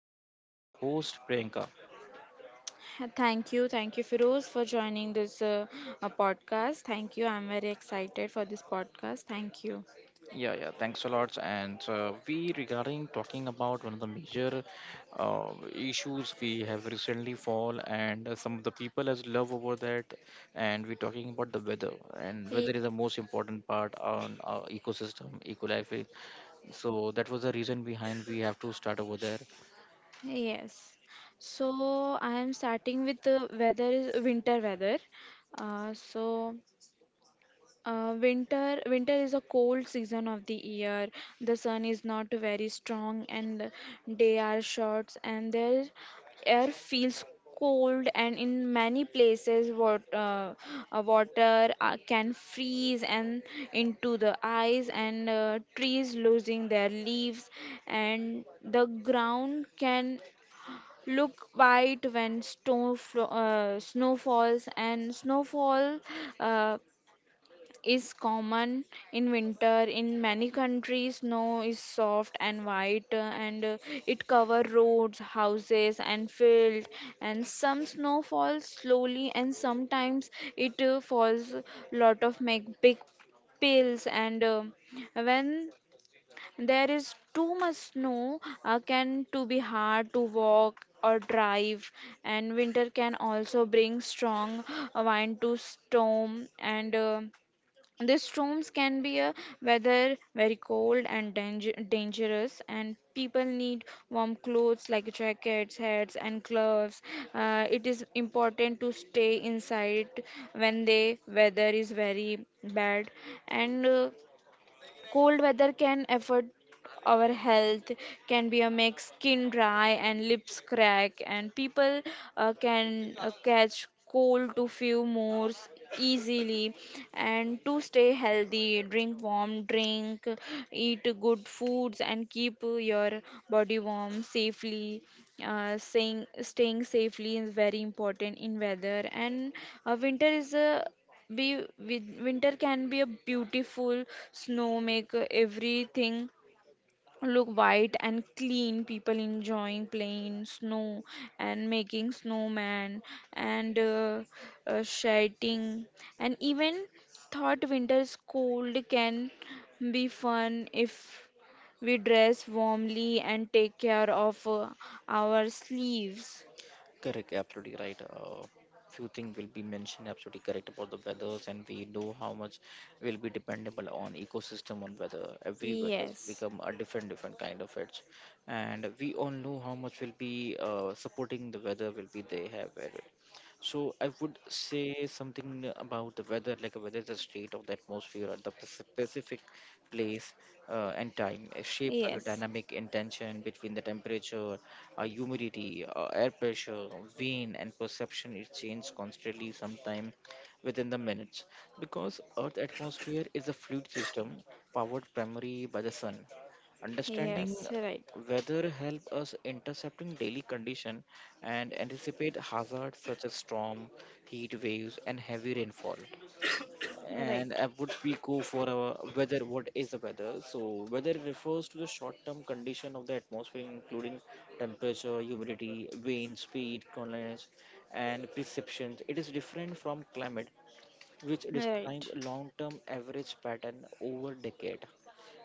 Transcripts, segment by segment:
with my co-host Priyanka. Thank you. Thank you, Firoz, for joining this podcast. Thank you. I'm very excited for this podcast. Thank you. Yeah, yeah, thanks a lot. And we regarding talking about one of the major issues we have recently fall, and some of the people has love over that. And we're talking about the weather, and Ye- weather is the most important part on our ecosystem, eco life. So that was the reason behind we have to start over there. Yes. So I am starting with the weather is winter weather. Uh, so winter is a cold season of the year. The sun is not very strong and day are short and the air feels cold and in many places what water can freeze and into the ice, and trees losing their leaves and the ground can look white when snow falls, and snowfall uh, is common in winter. In many countries snow is soft and white, and it cover roads, houses and fields, and some snow falls slowly and sometimes it falls lot of make big pills. And when there is too much snow, can to be hard to walk or drive. And winter can also bring strong wind to storm, and these storms can be a weather very cold and dangerous, and people need warm clothes like jackets, hats, and gloves. It is important to stay inside when the weather is very bad, and cold weather can affect our health, can be a make skin dry and lips crack, and people can catch cold to easily. And to stay healthy, drink warm drink, eat good foods, and keep your body warm safely. Saying Staying safely is very important in weather. And winter is a be win- winter can be a beautiful. Snow make everything look white and clean, people enjoying playing in snow and making snowman, and shedding. And even thought winter is cold, can be fun if we dress warmly and take care of our sleeves. Correct, absolutely right. Few things will be mentioned absolutely correct about the weathers, and we know how much will be dependable on ecosystem on weather. Every weather Yes, become a different different kind of edge, and we all know how much will be supporting the weather will be they have it. So I would say something about the weather, like whether the state of the atmosphere or the specific place and time is shaped by the yes, dynamic intention between the temperature, humidity, air pressure, wind, and perception. It changes constantly, sometime within the minutes, because Earth's atmosphere is a fluid system powered primarily by the sun. Understanding yes, right, weather helps us intercepting daily condition and anticipate hazards such as storm, heat waves, and heavy rainfall. And right, would we go for our weather? What is the weather? So, weather refers to the short-term condition of the atmosphere, including temperature, humidity, wind speed, colours, and perceptions. It is different from climate, which describe right. long-term average pattern over decade.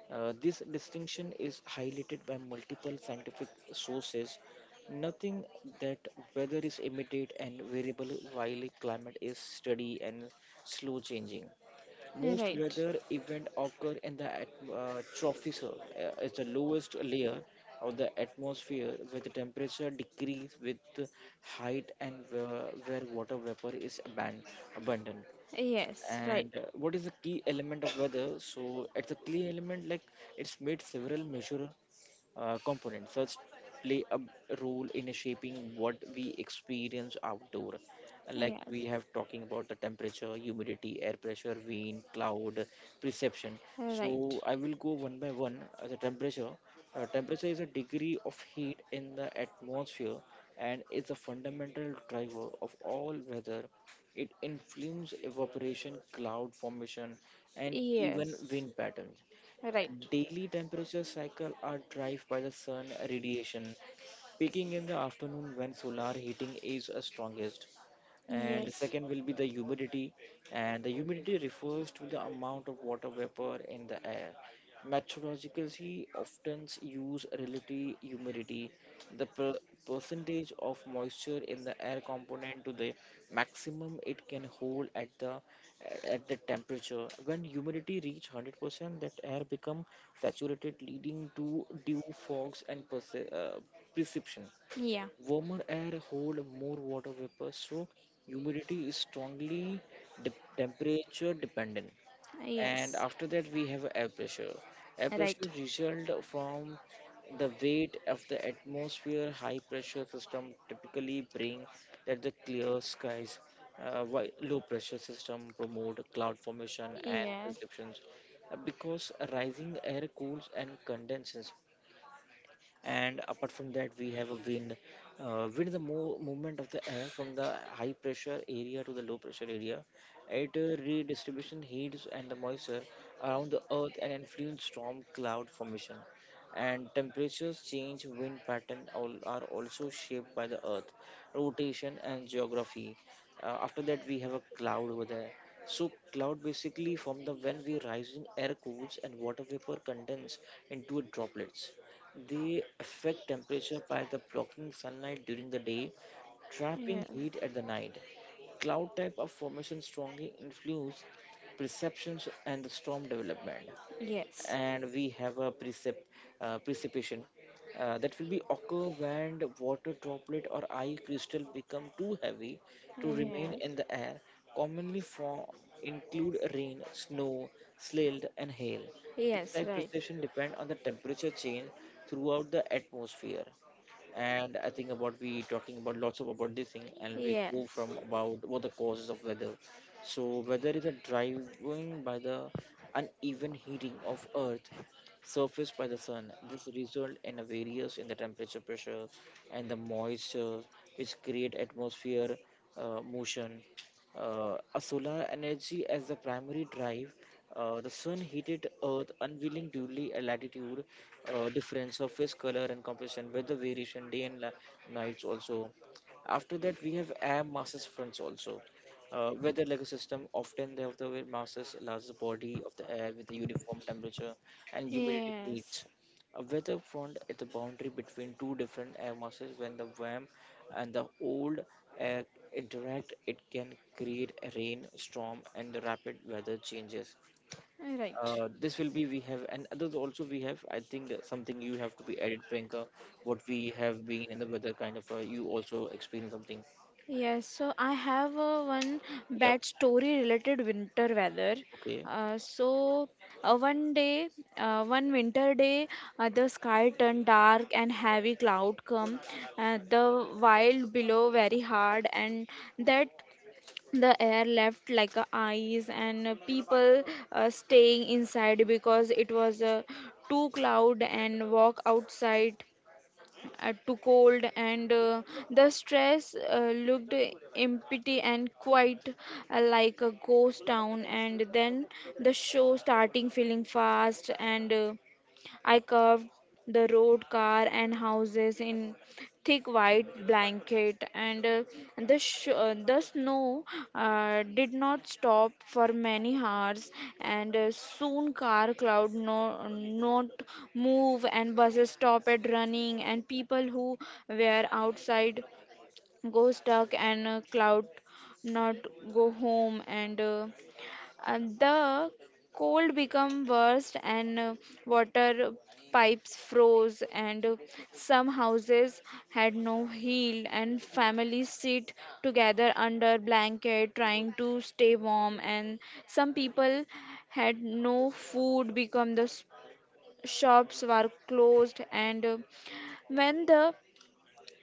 This distinction is highlighted by multiple scientific sources. Nothing that weather is immediate and variable while climate is steady and slow changing. Most Right. weather events occur in the troposphere. It's the lowest layer of the atmosphere where the temperature decreases with height and where water vapor is abundant. Yes, right. And what is the key element of weather? So it's a key element like it's made several measure components such play a role in shaping what we experience outdoor, like we Yes, have talking about the temperature, humidity, air pressure, wind, cloud, perception. So right. I will go one by one. As a temperature, temperature is a degree of heat in the atmosphere and is a fundamental driver of all weather. It influences evaporation, cloud formation, and even Yes, wind patterns. right. Daily temperature cycle are driven by the sun radiation, peaking in the afternoon when solar heating is strongest. And Yes. second will be the humidity, and the humidity refers to the amount of water vapor in the air. Meteorologists often use relative humidity, the percentage of moisture in the air component to the maximum it can hold at the temperature. When humidity reach 100% that air become saturated, leading to dew, fogs, and perception. Yeah. Warmer air hold more water vapor, so humidity is strongly de- temperature dependent. And Yes. after that, we have air pressure. Air pressure Right. result from the weight of the atmosphere. High pressure system typically bring that the clear skies. While low pressure system promote cloud formation and Yes. perceptions because rising air cools and condenses. And apart from that, we have a wind. Wind is the movement of the air from the high pressure area to the low pressure area. It redistribution heats and the moisture around the earth and influence storm, cloud formation, and temperatures change. Wind pattern all are also shaped by the earth rotation and geography. After that, we have a cloud over there. So cloud basically from the when we rise in air cools and water vapor condense into droplets. They affect temperature by the blocking sunlight during the day, trapping Yes. heat at the night. Cloud type of formation strongly influence perceptions and the storm development. Yes. And we have a precipitation. That will be occur when the water droplet or eye crystal become too heavy to remain in Yes. the air. Commonly form include rain, snow, sleet, and hail. This Yes, type right. precipitation depend on the temperature change throughout the atmosphere. And I think about we talking about lots of about this thing, and we go Yes. from about what the causes of weather. So weather is a driving by the uneven heating of Earth surface by the sun. This results in a variance in the temperature, pressure, and the moisture, which create atmosphere motion. A solar energy as the primary drive, the sun heated Earth unwilling duly a latitude difference, surface color and composition, weather variation, day and nights also. After that, we have air masses fronts also. Weather like a system, often they have the wet masses, large body of the air with a uniform temperature and humidity peaks. Yes. A weather front is the boundary between two different air masses. When the warm and the old air interact, it can create a rain, storm, and the rapid weather changes. This will be we have, and others also we have. I think that something you have to be added, Priyanka. What Right. we have been in the weather kind of, you also experience something. Yes, so I have one Yeah. bad story related winter weather. Okay. Uh, so uh, one day, One winter day, the sky turned dark and heavy cloud come. The wild below very hard, and that the air left like a ice, and people staying inside because it was too cloud, and walk outside to cold. And the stress looked empty and quite, like a ghost town. And then the show starting feeling fast, and I curved the road, car, and houses in thick white blanket. And the snow did not stop for many hours, and soon car cloud no not move, and buses stopped running, and people who were outside go stuck, and cloud not go home. And the cold became worse, and water pipes froze, and some houses had no heat, and families sit together under blanket trying to stay warm. And some people had no food become the shops were closed. And when the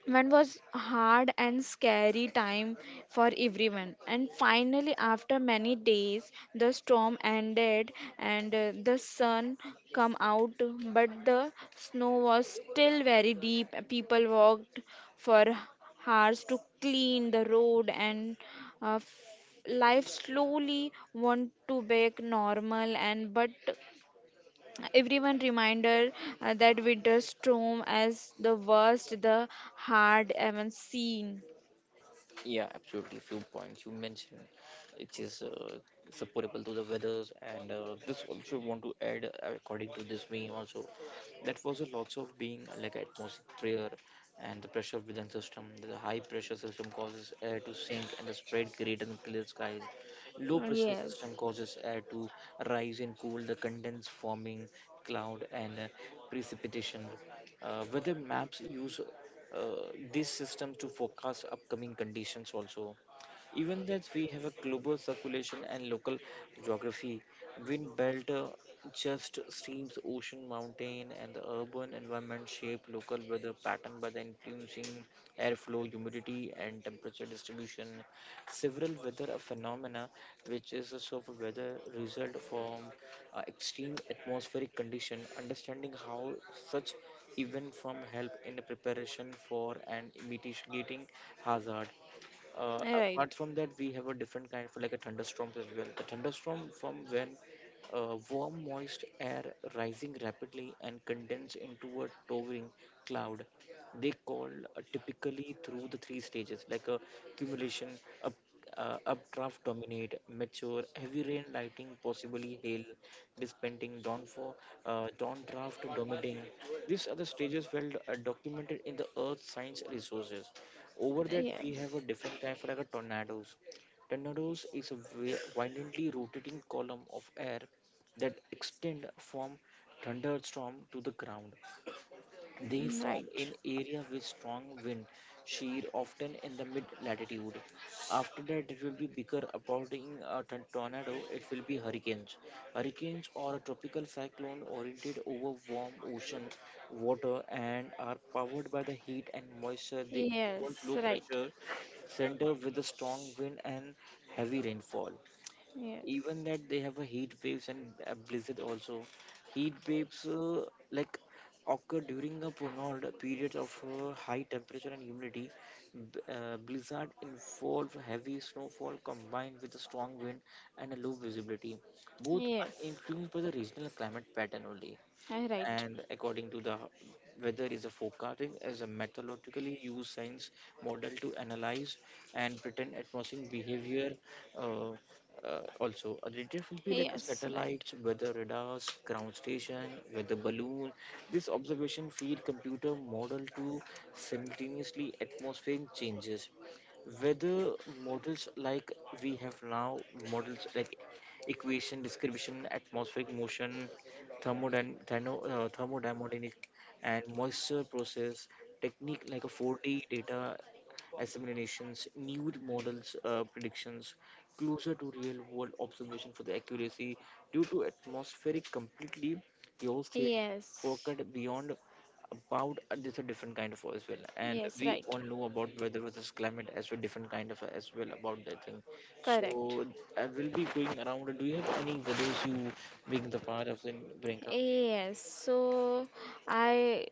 when was hard and scary time for everyone. And finally, after many days the storm ended, and the sun come out, but the snow was still very deep. People walked for hours to clean the road, and uh, f- life slowly went to back normal. And but everyone reminder that winter storm as the worst the hard ever seen. Yeah, absolutely. Few points you mentioned, which is supportable to the weathers, and this also want to add, according to this meme also, that was a lots of being like atmosphere and the pressure within system. The high pressure system causes air to sink and the spread, create and clear skies. Low pressure Yes, system causes air to rise and cool the condense, forming cloud and precipitation. Weather maps use this system to forecast upcoming conditions also. Even that we have a global circulation and local geography, wind belt, just streams, ocean, mountain, and the urban environment shape local weather pattern by the influencing airflow, humidity, and temperature distribution. Several weather phenomena, which is a sort of weather result from extreme atmospheric condition. Understanding how such event from help in the preparation for and mitigating hazard. Apart right. from that, we have a different kind for like a thunderstorms as well. The thunderstorm from when warm, moist air rising rapidly and condense into a towering cloud. They call typically through the three stages like a cumulation, up, updraft dominate, mature, heavy rain lighting, possibly hail, dispensing, downfall, downdraft dominating. These are the stages well documented in the earth science resources. Over that, we have Yes. a different kind for like a tornadoes. Tornadoes is a violently rotating column of air that extend from thunderstorm to the ground. They Mm, form right. in area with strong wind shear, often in the mid latitude. After that, it will be bigger. Approaching a tornado, it will be hurricanes. Hurricanes are a tropical cyclone oriented over warm ocean water and are powered by the heat and moisture. They involve Yes, low right. pressure center with a strong wind and heavy rainfall. Yes. Even that they have a heat waves and a blizzard also. Heat waves like occur during a prolonged period of high temperature and humidity. Blizzard involve heavy snowfall combined with a strong wind and a low visibility. Both are Yes, influenced by the regional climate pattern only. I right. And according to the weather is a forecasting as a methodologically used science model to analyze and pretend atmospheric behavior. uh, Also a detector will be like a Yes, right. satellite, weather radars, ground station, weather balloon. This observation feed computer model to simultaneously atmospheric changes. Weather models like we have now, models like equation description atmospheric motion, thermodynamic and moisture process, technique like a 4D data assimilations, new models predictions, closer to real world observation for the accuracy due to atmospheric completely the whole theory Yes. focused beyond about this a different kind of as well. And Yes, we all right. know about weather versus climate as well, different kind of as well about that thing. Correct. So I will be going around. Do you have any videos you being the part of in Brinka? Yes, so I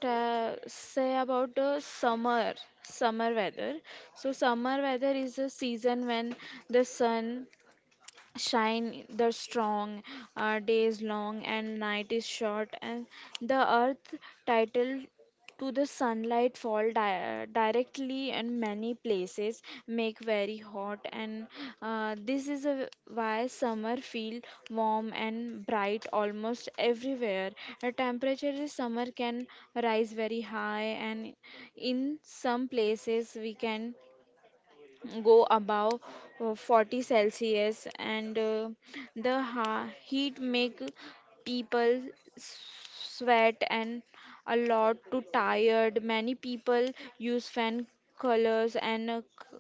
ta say about the summer, summer weather. So summer weather is a season when the sun shine the strong, days long and night is short. And the earth title to the sunlight fall directly in many places, make very hot. And this is a, why summer feel warm and bright almost everywhere. The temperature in summer can rise very high, and in some places we can go above 40°C celsius. And heat make people sweat and a lot too tired. Many people use fan, colors, and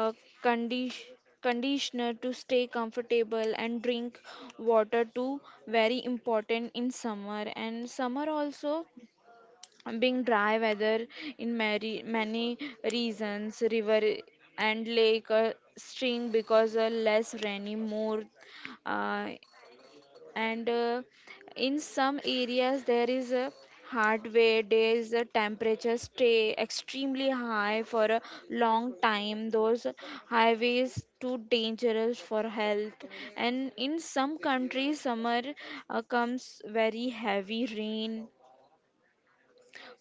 uh, condi- conditioner to stay comfortable, and drink water too very important in summer. And summer also being dry weather in many, many reasons, river and lake stream because less rainy more. Uh, and In some areas there is a hard way days, the temperature stay extremely high for a long time. Those highways too dangerous for health. And in some countries summer comes very heavy rain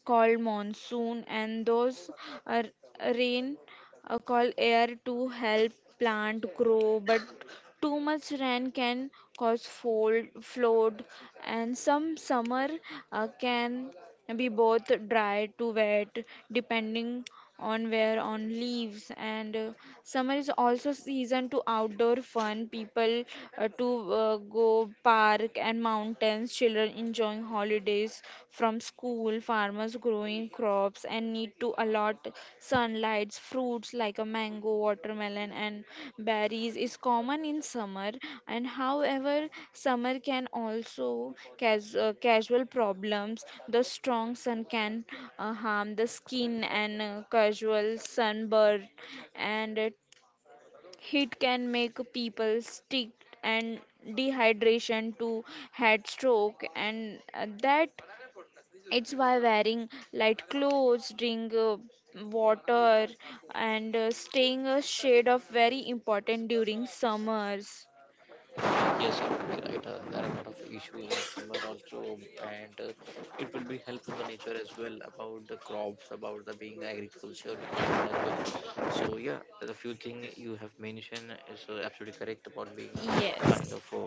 called monsoon, and those are rain called air to help plant grow, but too much rain can cause fold flood. And some summer can be both dry to wet depending on where on leaves. And summer is also season to outdoor fun. People to go park and mountains, children enjoying holidays from school, farmers growing crops and need to allow hot sunlight. Fruits like a mango, watermelon, and berries is common in summer. And however, summer can also cause casual problems. The strong sun can harm the skin and casual sunburn. And heat can make people sick and dehydration to head stroke. And that it's why wearing light clothes, drink water, and staying a shade of very important during summers. Yes, you will be right. There are a lot of issues in summer also, and it will be helpful the nature as well about the crops, about the being agriculture department as well. So yeah, the few thing you have mentioned is absolutely correct about being kind Yes. of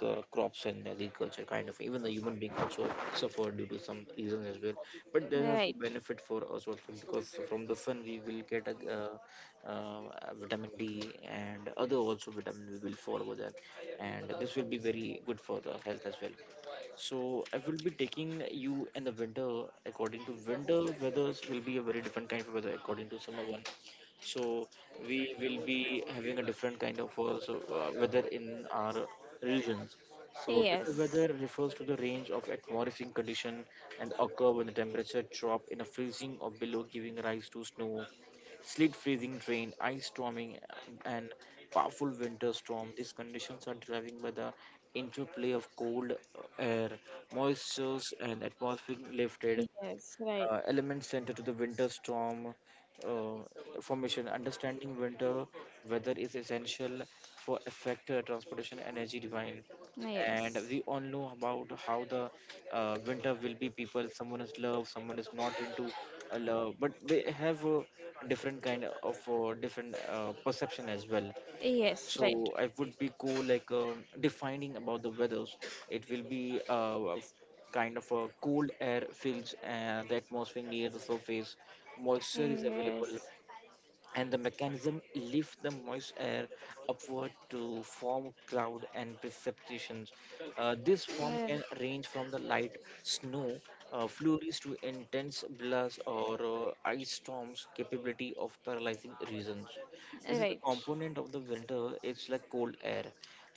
crops and agriculture kind of, even the human being also suffer due to some reasons as well. But there are also Right. benefit for us also because from the sun we will get a uh, vitamin D and other also vitamin we will follow there, and this will be very good for the health as well. So I will be taking you in the winter, according to winter weathers will be a very different kind of weather according to summer one. So we will be having a different kind of weather in our regions. So winter Yes. weather refers to the range of atmospheric condition and occur when the temperature drop in a freezing or below, giving rise to snow, sleet freezing rain, ice storming, and powerful winter storm. These conditions are driven by the interplay of cold air, moistures, and atmospheric lifted Yes. Right. Elements center to the winter storm formation. Understanding winter weather is essential for effect transportation energy divine. And Yes. we all know about how the winter will be people. Someone is love, someone is not into a love, but they have a different kind of different perception as well, Yes. Right. so I would be go like defining about the weathers. It will be kind of a cold air fills the atmosphere near the surface, moisture is available, Yes. and the mechanism lift the moist air upward to form cloud and precipitations. This form Uh, can range from the light snow flurries to intense blast or ice storms capability of paralyzing regions. This is the right. component of the winter. It's like cold air.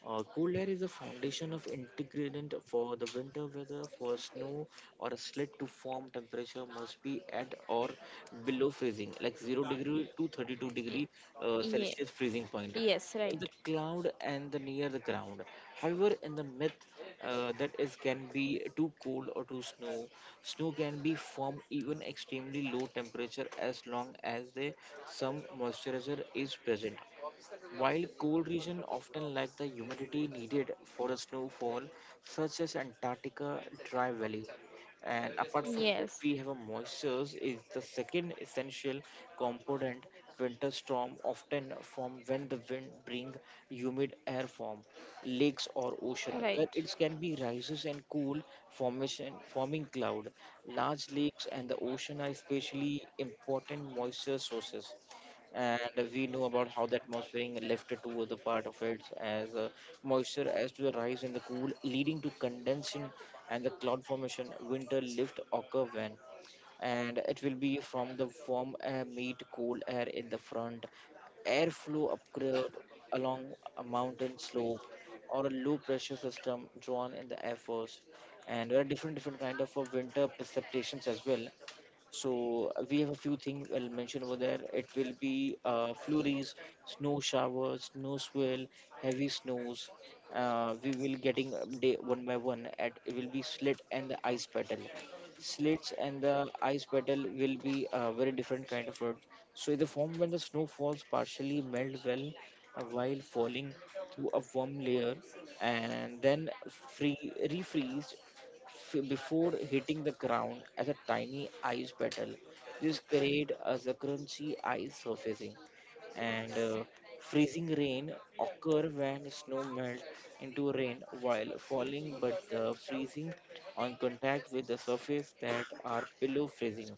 Cold air is the foundation of ingredient for the winter weather. For snow or a slit to form, temperature must be at or below freezing, like 0 degrees to 32 degree Y- Yeah. Celsius freezing point Yes. Right. in the cloud and the near the ground. However, in the myth, that is can be too cold or too snow. Snow can be formed even extremely low temperature as long as the some moisturizer is present. While cool regions often lack the humidity needed for a snowfall, such as Antarctica dry valley. And apart from that, Yes. we have a moisture is the second essential component. Winter storm often form when the wind bring humid air from lakes or ocean, Right. where it can be rises and cool formation forming cloud. Large lakes and the ocean are especially important moisture sources, and we know about how the atmospheric lift to the part of it as moisture as to the rise in the cool leading to condensation and the cloud formation winter lift occur when, and it will be from the warm air meet cool air in the front airflow upgrade along a mountain slope or a low pressure system drawn in the air force. And there are different kind of winter precipitations as well. So we have a few things I'll mention over there. It will be flurries, snow showers, snow swirl, heavy snows. We will getting day one by one. At it will be slit and the ice petal. Slits and the ice petal will be a very different kind of road. So in the form when the snow falls, partially melt well while falling through a warm layer, and then free refreeze before hitting the ground as a tiny ice petal. This creates as a crunchy ice surfacing, and freezing rain occur when snow melts into rain while falling, but the freezing on contact with the surface that are below freezing.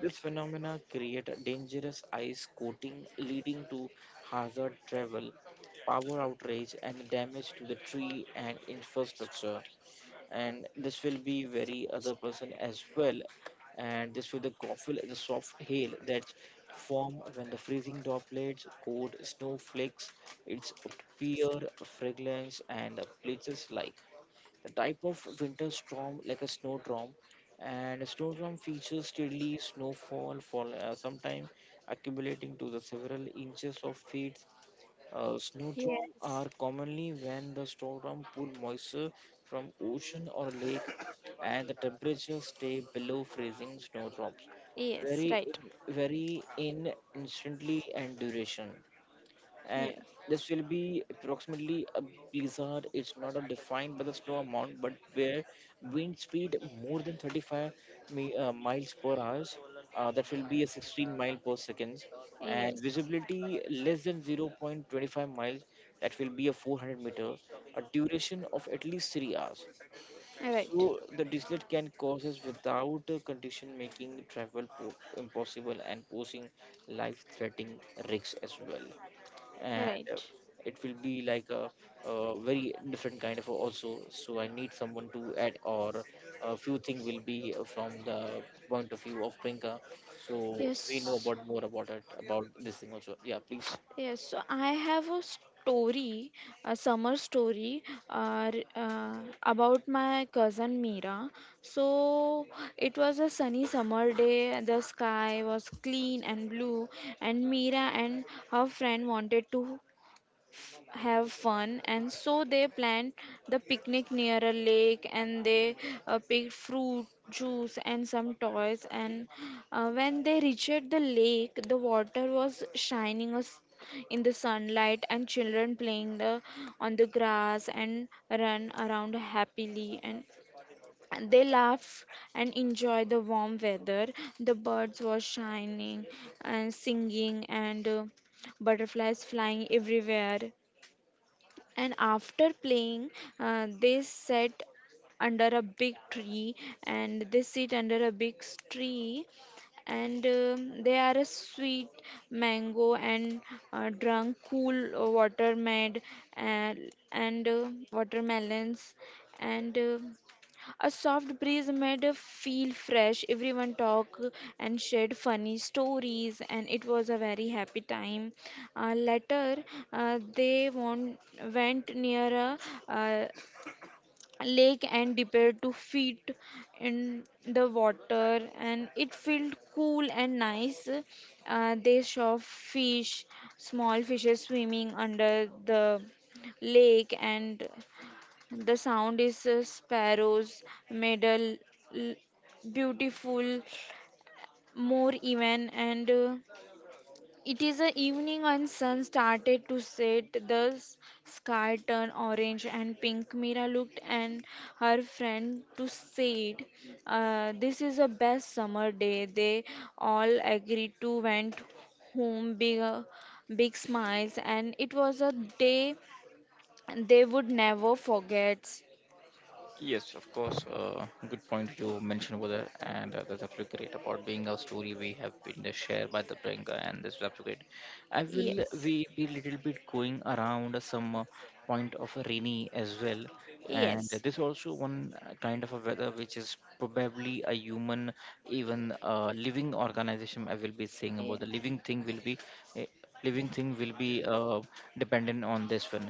This phenomena create a dangerous ice coating, leading to hazard travel, power outrage, and damage to the tree and infrastructure, and this will be very other person as well. And this with the coffee is a soft hail that form when the freezing droplets cold snowflakes its pure fragrance and places like the type of winter storm like a snowdrop. And a snowdrop features steadily snowfall for sometime accumulating to the several inches of feet. Snowdrops Yes. are commonly when the snowdrops pull moisture from ocean or lake and the temperatures stay below freezing snowdrops. Yes. Very, Right. very in instantly and duration, and Yes. this will be approximately a blizzard. It's not a defined by the snow amount, but where wind speed more than 35 miles per hour, that will be a 16 mile per seconds, and Yes. visibility less than 0.25 miles, that will be a 400 meter, a duration of at least 3 hours. Right. So the dislet can causes without a condition making travel impossible and posing life-threatening risks as well. And Right. it will be like a, very different kind of also. So I need someone to add or a few things will be from the point of view of Prinka. So we know Yes. about more about it about this thing also. Yeah, please. Yes, so I have a story, a summer story, uh, re- uh, about my cousin Mira. So it was a sunny summer day, the sky was clean and blue, and Mira and her friend wanted to have fun, and so they planned the picnic near a lake. And they picked fruit juice and some toys. And when they reached the lake, the water was shining us in the sunlight, and children playing on the grass and run around happily, and they laughed and enjoyed the warm weather. The birds were shining and singing, and butterflies flying everywhere. And after playing, they sat under a big tree, and they sit under a big tree, and they are a sweet mango and drunk cool water made, and watermelons. And a soft breeze made us feel fresh. Everyone talked and shared funny stories, and it was a very happy time. Later, uh, they won- went near a uh, lake and dipped to feet in the water, and it felt cool and nice. They saw fish, small fishes swimming under the lake, and the sound is sparrows, medal, l- beautiful, more even. And it is a evening and sun started to set. The sky turned orange and pink. Mira looked and her friend to said, "This is the best summer day." They all agreed to went home big, big smiles, and it was a day they would never forget. Yes, of course. Question over there. Feel great about being a story we have been shared by the bringer and this subject. I will Yes. we be little bit going around some point of rainy as well, and Yes, this also one kind of a weather which is probably a human even living organization. I will be saying yeah, about the living thing will be. uh, living thing will be dependent on this one,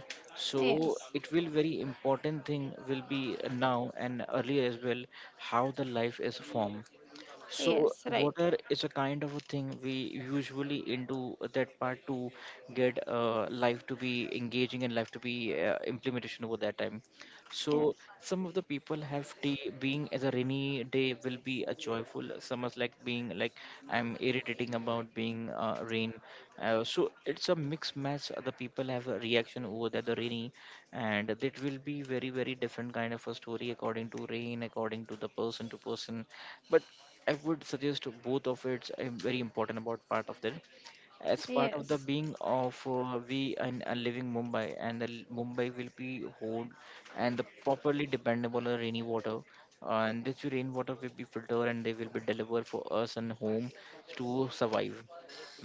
so yes, it will very important thing will be now and earlier as well, how the life is formed, so yes, right, water is a kind of a thing we usually into that part to get life to be engaging and life to be implementation over that time. So yes, some of the people have tea being as a rainy day will be a joyful. Some is like being like I'm irritating about being rain. So it's a mixed match. The people have a reaction over that the rainy, and that will be very very different kind of a story according to rain, according to the person to person. But I would suggest both of it's a very important about part of that. As part of the yes, being of we and living Mumbai, and the Mumbai will be whole and the properly dependable rainy water, And this rainwater will be filtered and they will be delivered for us and home to survive.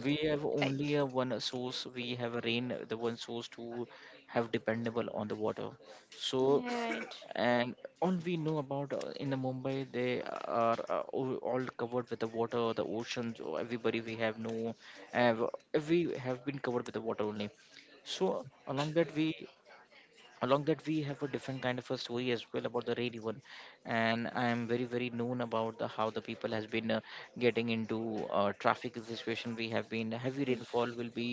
We have right, only a one source. We have a rain, the one source to have dependable on the water. So right. and all we know about in the Mumbai they are all covered with the water the oceans or everybody we have no have we have been covered with the water only, so along that we have a different kind of a story as well about the rainy one, and I am very very known about the how the people has been getting into traffic situation we have been heavy Mm. rainfall will be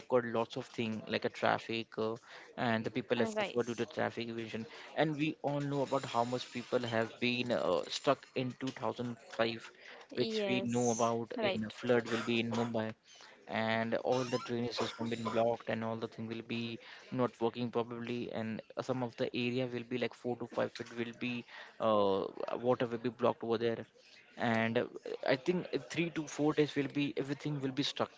occurred lots of thing like a traffic and the people have suffered due Rice. to traffic evasion, and we all know about how much people have been stuck in 2005, which we know Yes, about right, in flood will be in Mumbai, and all the drainage system been blocked and all the thing will be not working probably and some of the area will be like 4 to 5 feet will be uh, water will be blocked over there. And I think 3 to 4 days will be everything will be stuck,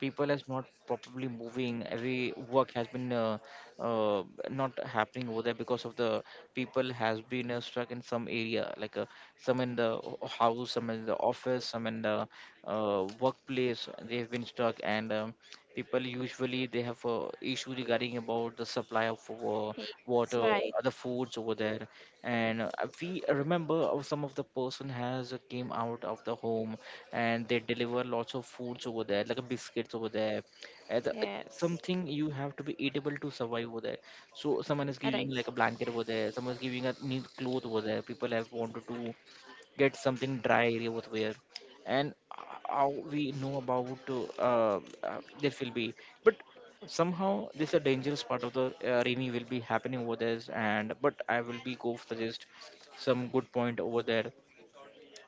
people is not properly moving, every work has been uh, not happening over there because of the people has been stuck in some area like some in the house, some in the office, some in the workplace they've been stuck, and people usually they have issue regarding about the supply of yes, water, right, other foods over there. And we remember of some of the person has came out of the home and they deliver lots of foods over there like a biscuits over there. It's yes, something you have to be eatable to survive over there, so someone is giving right, like a blanket over there, someone is giving a neat cloth over there, people have wanted to get something dry over there. And how we know about uh, this will be, but somehow this is a dangerous part of the rainy will be happening over there, and but I will be go suggest some good point over there.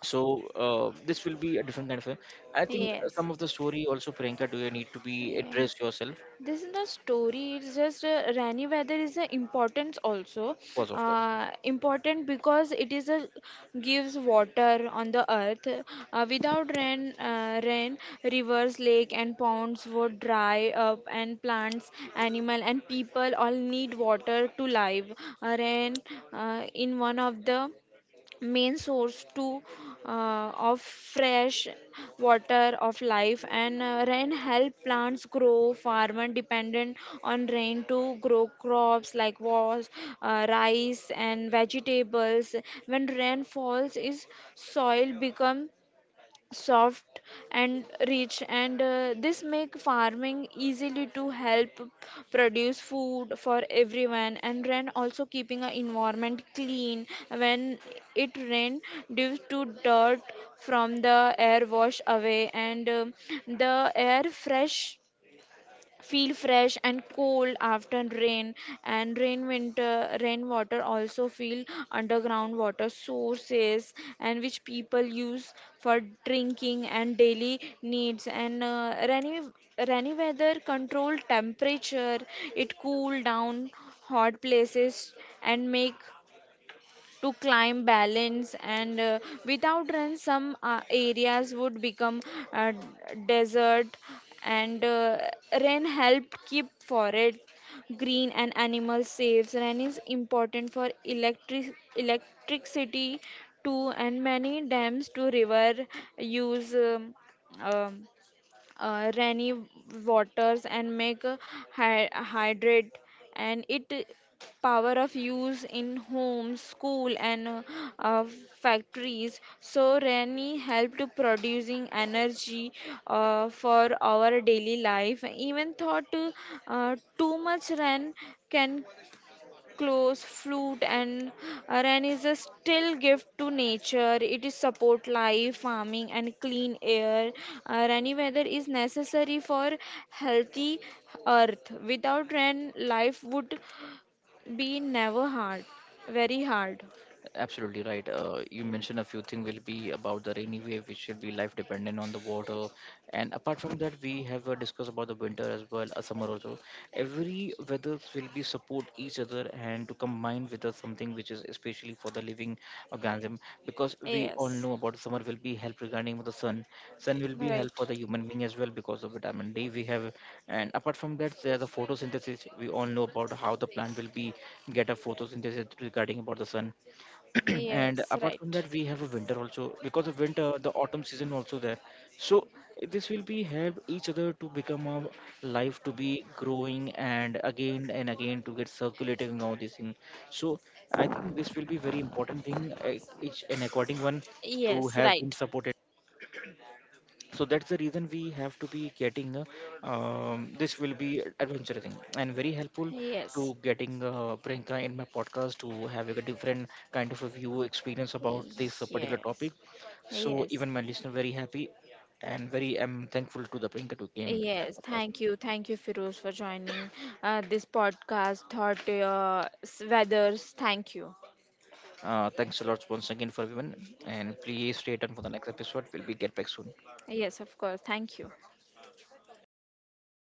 So this will be a different kind of a, I think yes, some of the story also, Priyanka, do you need to be yeah, address yourself this is the story. It's just rainy weather is important also, because of that? Important because it is a gives water on the earth. Without rain, rivers, lake and ponds would dry up, and plants, animal and people all need water to live. Rain in one of the main source to of fresh water of life. And rain help plants grow, farmer dependent on rain to grow crops like was rice and vegetables. When rain falls is soil become soft and rich, and this make farming easily to help produce food for everyone. And rain also keeping a environment clean. When it rain due to dirt from the air wash away, and the air fresh feel fresh and cold after rain. And rainwater also feel underground water sources, and which people use for drinking and daily needs. And rainy weather control temperature, it cool down hot places and make to climb balance. And without rain, some areas would become uh, desert. And rain helped keep forest green and animal safe. Rain is important for electric electricity too, and many dams to river use um, rainy waters and make a hydrate, and it power of use in homes, school, and uh, factories. So rainy help to producing energy for our daily life. Even thought too much rain can clothes, fruit, and rain is a still gift to nature. It is support life, farming, and clean air. Rainy weather is necessary for healthy earth. Without rain, life would be never hard, very hard. Absolutely right. You mentioned a few things will be about the rainy wave, which will be life dependent on the water. And apart from that, we have discussed about the winter as well, a summer also. Every weathers will be support each other and to combine with us something which is especially for the living organism, because we all Yes, know about summer will be help regarding with the sun. Sun will be help right. for the human being as well because of vitamin D we have. And apart from that, there's the photosynthesis. We all know about how the plant will be get a photosynthesis regarding about the sun and Yes, apart from right. that we have a winter also, because of winter the autumn season also there, so this will be help each other to become a life to be growing and again to get circulating all this thing. So I think this will be very important thing, each and according one to Yes, have been right. supported, so that's the reason we have to be getting this will be adventuring and very helpful Yes, to getting Priyanka in my podcast to have a different kind of a view experience about this particular yes, topic. So yes. even my listener very happy and very I'm thankful to the Priyanka to came in my Yes, podcast. thank you. Thank you, Firoz, for joining this podcast, Thought Weathers. Thank you. Thanks a lot once again for everyone, and please stay tuned for the next episode. We'll be get back soon. Yes, of course. Thank you.